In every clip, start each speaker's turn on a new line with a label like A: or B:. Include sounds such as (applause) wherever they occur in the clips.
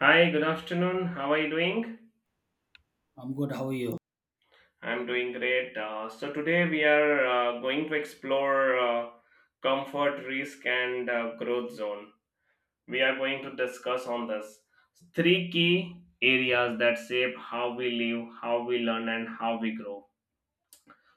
A: Hi, good afternoon. How are you doing?
B: I'm good. How are you?
A: I'm doing great. Today we are going to explore comfort, risk, and growth zone. We are going to discuss on this three key areas that shape how we live, how we learn, and how we grow.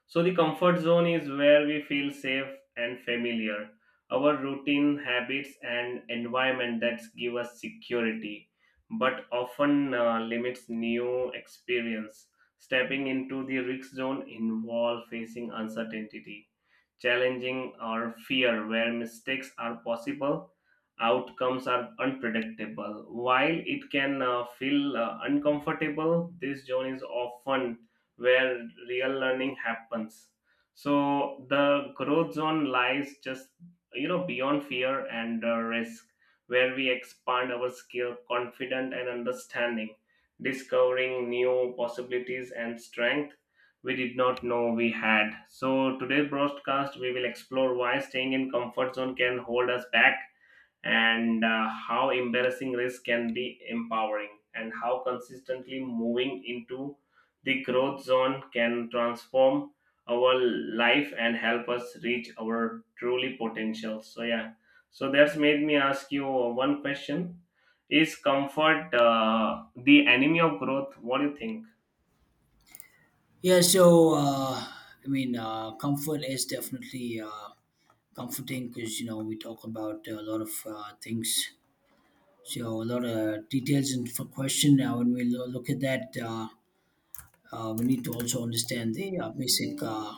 A: So the comfort zone is where we feel safe and familiar. Our routine, habits, and environment that give us security, but often limits new experience. Stepping into the risk zone involves facing uncertainty, challenging or fear, where mistakes are possible, outcomes are unpredictable. While it can feel uncomfortable, this zone is often where real learning happens. So the growth zone lies just beyond fear and risk, where we expand our skill, confident and understanding, discovering new possibilities and strength we did not know we had. So today's broadcast we will explore why staying in comfort zone can hold us back and how embarrassing risk can be empowering and how consistently moving into the growth zone can transform our life and help us reach our truly potential, so yeah. So that's made me ask you one question. Is comfort the enemy of growth? What do you think?
B: Yeah. Comfort is definitely comforting because you know we talk about a lot of things. So a lot of details and for question. Now, when we look at that, we need to also understand the basic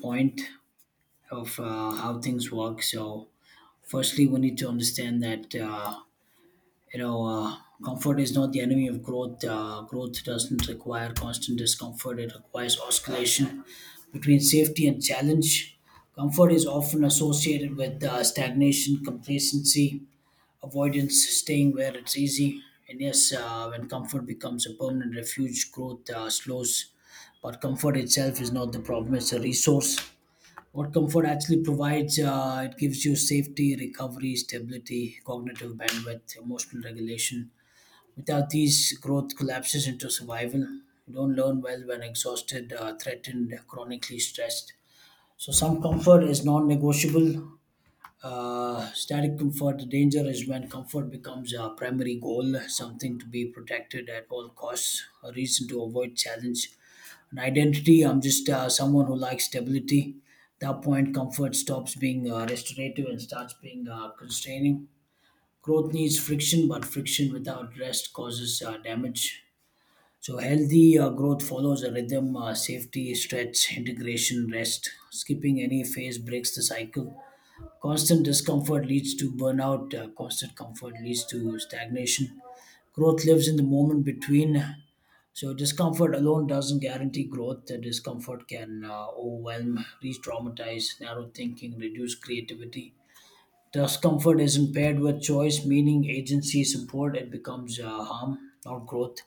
B: point of how things work. So, firstly, we need to understand that. You know uh, comfort is not the enemy of growth. Growth doesn't require constant discomfort, it requires oscillation between safety and challenge. Comfort is often associated with stagnation, complacency, avoidance, staying where it's easy. And yes, when comfort becomes a permanent refuge, growth slows. But comfort itself is not the problem, it's a resource. What comfort actually provides, it gives you safety, recovery, stability, cognitive bandwidth, emotional regulation. Without these, growth collapses into survival. You don't learn well when exhausted, threatened, chronically stressed. So, some comfort is non negotiable. Static comfort, the danger is when comfort becomes a primary goal, something to be protected at all costs, a reason to avoid challenge, an identity. I'm just someone who likes stability. At that point, comfort stops being restorative and starts being constraining. Growth needs friction, but friction without rest causes damage. So, healthy growth follows a rhythm: safety, stretch, integration, rest. Skipping any phase breaks the cycle. Constant discomfort leads to burnout, constant comfort leads to stagnation. Growth lives in the moment between. So, discomfort alone doesn't guarantee growth. The discomfort can overwhelm, re traumatize, narrow thinking, reduce creativity. Discomfort is impaired with choice, meaning, agency, support. It becomes harm, not growth.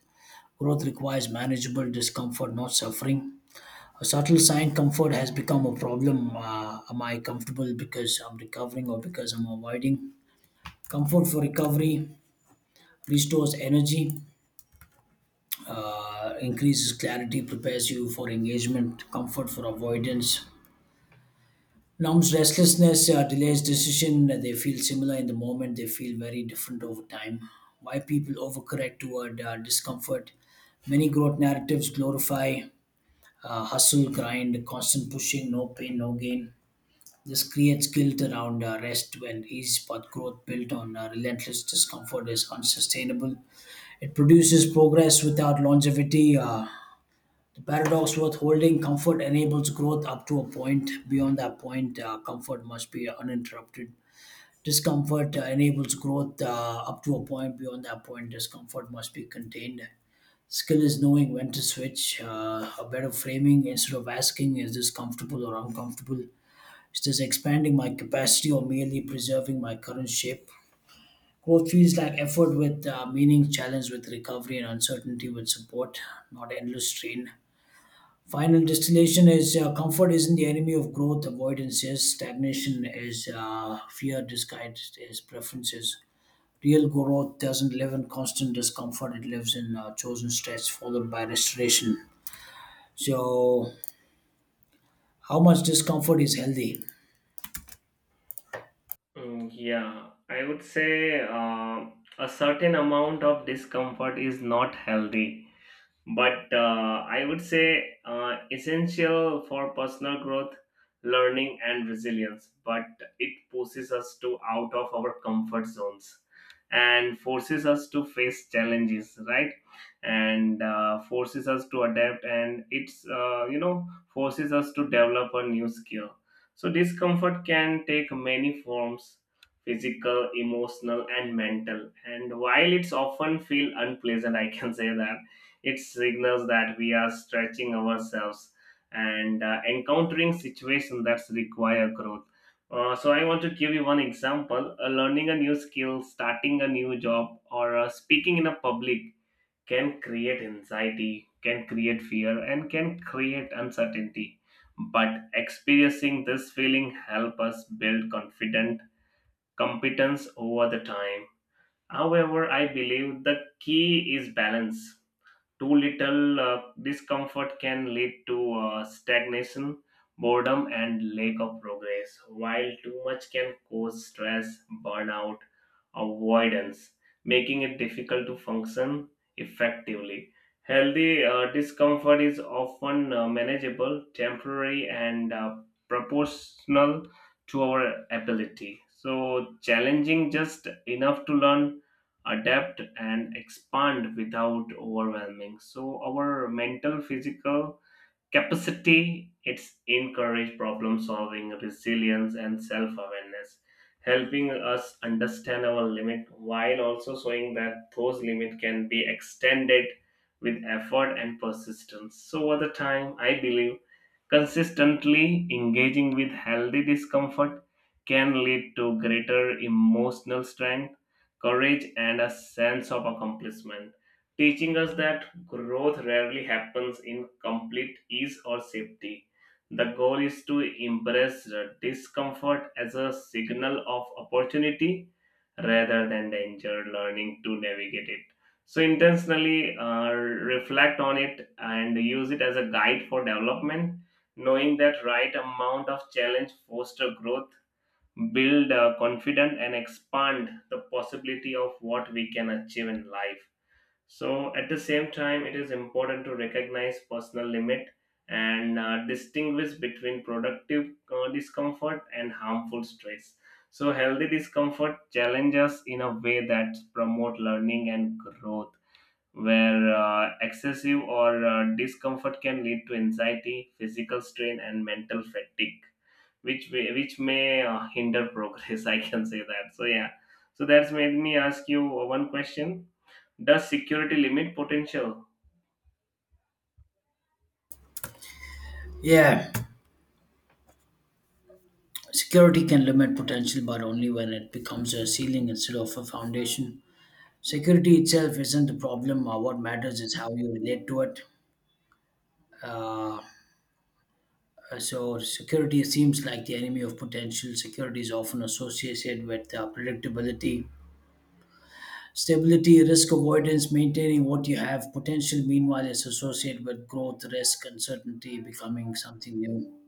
B: Growth requires manageable discomfort, not suffering. A subtle sign comfort has become a problem. Am I comfortable because I'm recovering or because I'm avoiding? Comfort for recovery restores energy, increases clarity, prepares you for engagement. Comfort for avoidance numbs restlessness, delays decision. They feel similar in the moment, they feel very different over time. Why people overcorrect toward discomfort? Many growth narratives glorify hustle, grind, constant pushing, no pain, no gain. This creates guilt around rest when ease, but growth built on relentless discomfort is unsustainable. It produces progress without longevity. The paradox worth holding: comfort enables growth up to a point. Beyond that point, comfort must be uninterrupted. Discomfort enables growth up to a point. Beyond that point, discomfort must be contained. Skill is knowing when to switch. A better framing instead of asking, is this comfortable or uncomfortable? Is this expanding my capacity or merely preserving my current shape? Growth feels like effort with meaning, challenge with recovery, and uncertainty with support, not endless strain. Final distillation is comfort isn't the enemy of growth, avoidance is, stagnation is fear disguised as preferences. Real growth doesn't live in constant discomfort, it lives in chosen stress followed by restoration. So, how much discomfort is healthy?
A: Mm, yeah, I would say a certain amount of discomfort is not healthy but I would say essential for personal growth, learning, and resilience. But it pushes us to out of our comfort zones and forces us to face challenges, right? And forces us to adapt, and it's forces us to develop a new skill. So discomfort can take many forms physical emotional and mental and while it's often feel unpleasant I can say that it signals that we are stretching ourselves and encountering situations that require growth. So I want to give you one example. Learning a new skill, starting a new job, or speaking in a public can create anxiety, can create fear, and can create uncertainty. But experiencing this feeling help us build confident competence over the time. However, I believe the key is balance. Too little discomfort can lead to stagnation, boredom, and lack of progress, while too much can cause stress, burnout, avoidance, making it difficult to function effectively. Healthy discomfort is often manageable, temporary, and proportional to our ability. So, challenging just enough to learn adapt and expand without overwhelming so our mental physical capacity it's encourage problem solving resilience and self awareness helping us understand our limit while also showing that those limit can be extended with effort and persistence so over the time I believe consistently engaging with healthy discomfort can lead to greater emotional strength, courage, and a sense of accomplishment, teaching us that growth rarely happens in complete ease or safety. The goal is to embrace the discomfort as a signal of opportunity rather than danger, learning to navigate it. So, intentionally reflect on it and use it as a guide for development, knowing that right amount of challenge foster growth, build confidence, and expand the possibility of what we can achieve in life. So, at the same time, it is important to recognize personal limit and distinguish between productive discomfort and harmful stress. So, healthy discomfort challenges in a way that promote learning and growth, where excessive or discomfort can lead to anxiety, physical strain, and mental fatigue, which may hinder progress. (laughs) I can say that. So, yeah. So that's made me ask you one question. The security limit potential.
B: Yeah, security can limit potential, but only when it becomes a ceiling instead of a foundation. Security itself isn't the problem. What matters is how you relate to it. So, security seems like the enemy of potential. Security is often associated with predictability, stability, risk avoidance, maintaining what you have. Potential, meanwhile, is associated with growth, risk, uncertainty, becoming something new.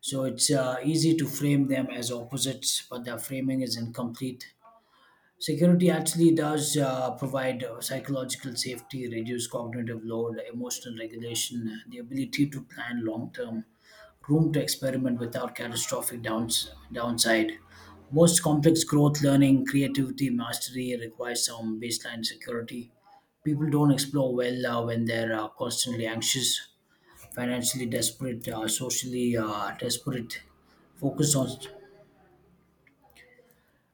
B: So, it's easy to frame them as opposites, but their framing is incomplete. Security actually does provide psychological safety, reduce cognitive load, emotional regulation, the ability to plan long term, room to experiment without catastrophic downside. Most complex growth, learning, creativity, mastery requires some baseline security. People don't explore well when they're constantly anxious, financially desperate, socially desperate, focused on.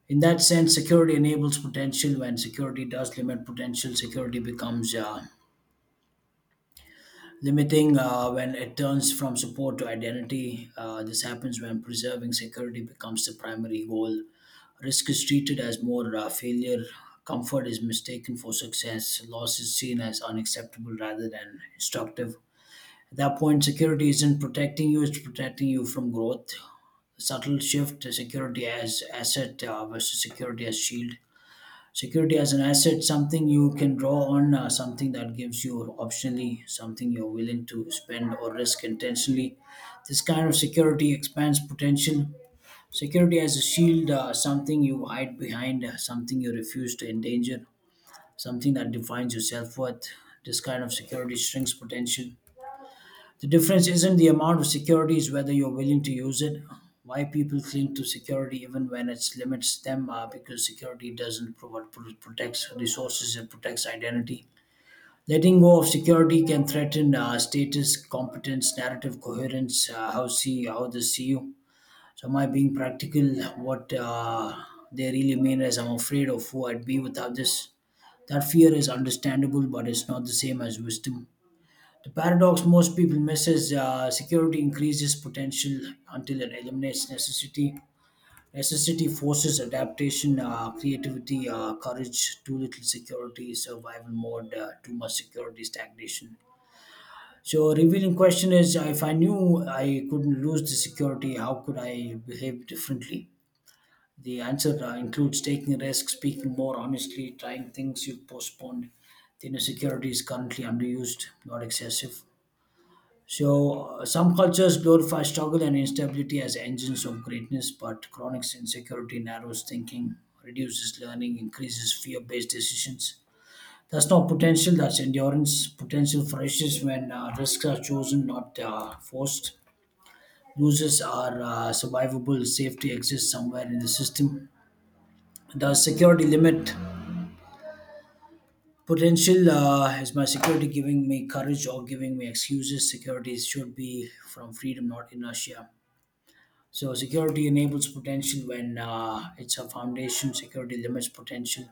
B: In that sense, security enables potential. When security does limit potential, security becomes limiting when it turns from support to identity. This happens when preserving security becomes the primary goal. Risk is treated as more failure. Comfort is mistaken for success. Loss is seen as unacceptable rather than instructive. At that point, security isn't protecting you, it's protecting you from growth. Subtle shift to security as asset versus security as shield. Security as an asset, something you can draw on, something that gives you optionally, something you're willing to spend or risk intentionally. This kind of security expands potential. Security as a shield, something you hide behind, something you refuse to endanger, something that defines your self worth. This kind of security shrinks potential. The difference isn't the amount of security, it's whether you're willing to use it. Why people cling to security even when it limits them, because security doesn't provide protects resources, it protects identity. Letting go of security can threaten status, competence, narrative coherence, how see how they see you. So, am I being practical? What they really mean is, I'm afraid of who I'd be without this. That fear is understandable, but it's not the same as wisdom. The paradox most people miss is security increases potential until it eliminates necessity. Necessity forces adaptation, creativity, courage. Too little security, survival mode. Too much security, stagnation. So, a revealing question is: if I knew I couldn't lose the security, how could I behave differently? The answer includes taking risks, speaking more honestly, trying things you've postponed. The inner security is currently underused, not excessive. So, some cultures glorify struggle and instability as engines of greatness, but chronic insecurity narrows thinking, reduces learning, increases fear based decisions. That's not potential, that's endurance. Potential flourishes when risks are chosen, not forced. Losers are survivable, safety exists somewhere in the system. The security limit potential, is my security giving me courage or giving me excuses. Security should be from freedom, not inertia. So security enables potential when it's a foundation. Security limits potential.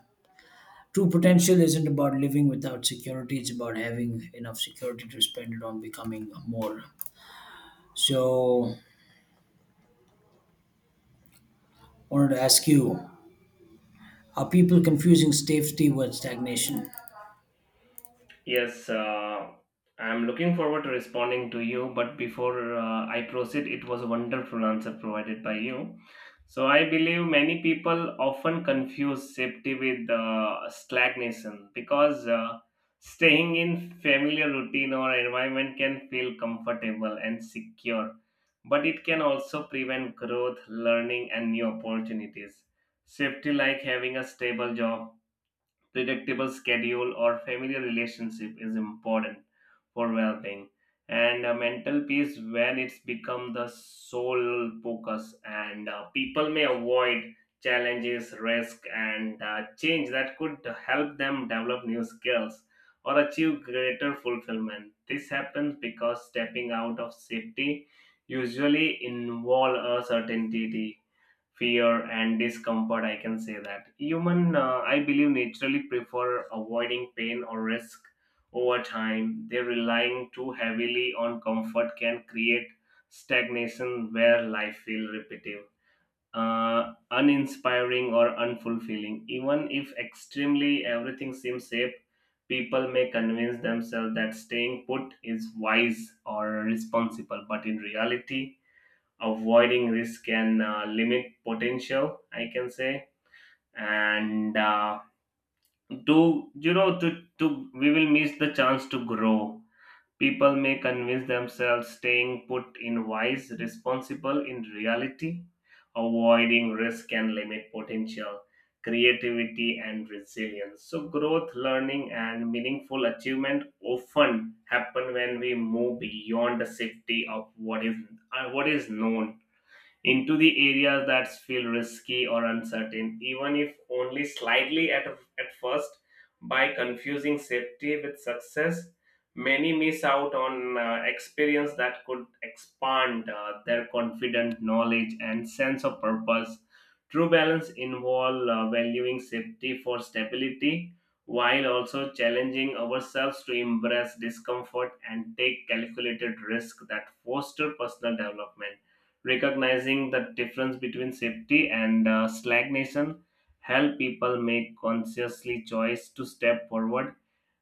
B: True potential isn't about living without security. It's about having enough security to spend it on becoming more. So, I wanted to ask you: are people confusing safety with stagnation?
A: Yes, I'm looking forward to responding to you. But before I proceed, it was a wonderful answer provided by you. So I believe many people often confuse safety with stagnation because staying in familiar routine or environment can feel comfortable and secure, but it can also prevent growth, learning, and new opportunities. Safety, like having a stable job predictable schedule or familiar relationship is important for well-being and mental peace when it's become the sole focus and people may avoid challenges risk and change that could help them develop new skills or achieve greater fulfillment this happens because stepping out of safety usually involve a certainty fear and discomfort I can say that human I believe naturally prefer avoiding pain or risk over time they relying too heavily on comfort can create stagnation where life feels repetitive uninspiring or unfulfilling even if extremely everything seems safe people may convince themselves that staying put is wise or responsible but in reality avoiding risk can limit potential I can say and to you know to we will miss the chance to grow. People may convince themselves staying put in wise responsible in reality avoiding risk can limit potential creativity and resilience so growth learning and meaningful achievement often happen when we move beyond the safety of what is what is known into the areas that feel risky or uncertain, even if only slightly at first. By confusing safety with success, many miss out on experience that could expand their confident knowledge and sense of purpose. True balance involves valuing safety for stability while also challenging ourselves to embrace discomfort and take calculated risk that foster personal development recognizing the difference between safety and stagnation help people make consciously choice to step forward,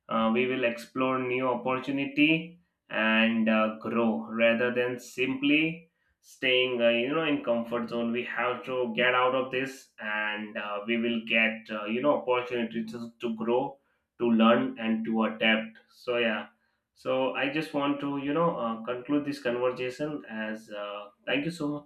A: we will explore new opportunity and grow rather than simply staying, in comfort zone. We have to get out of this, and we will get, opportunity to grow, to learn, and to adapt. So yeah. So I just want to, conclude this conversation as, thank you so much.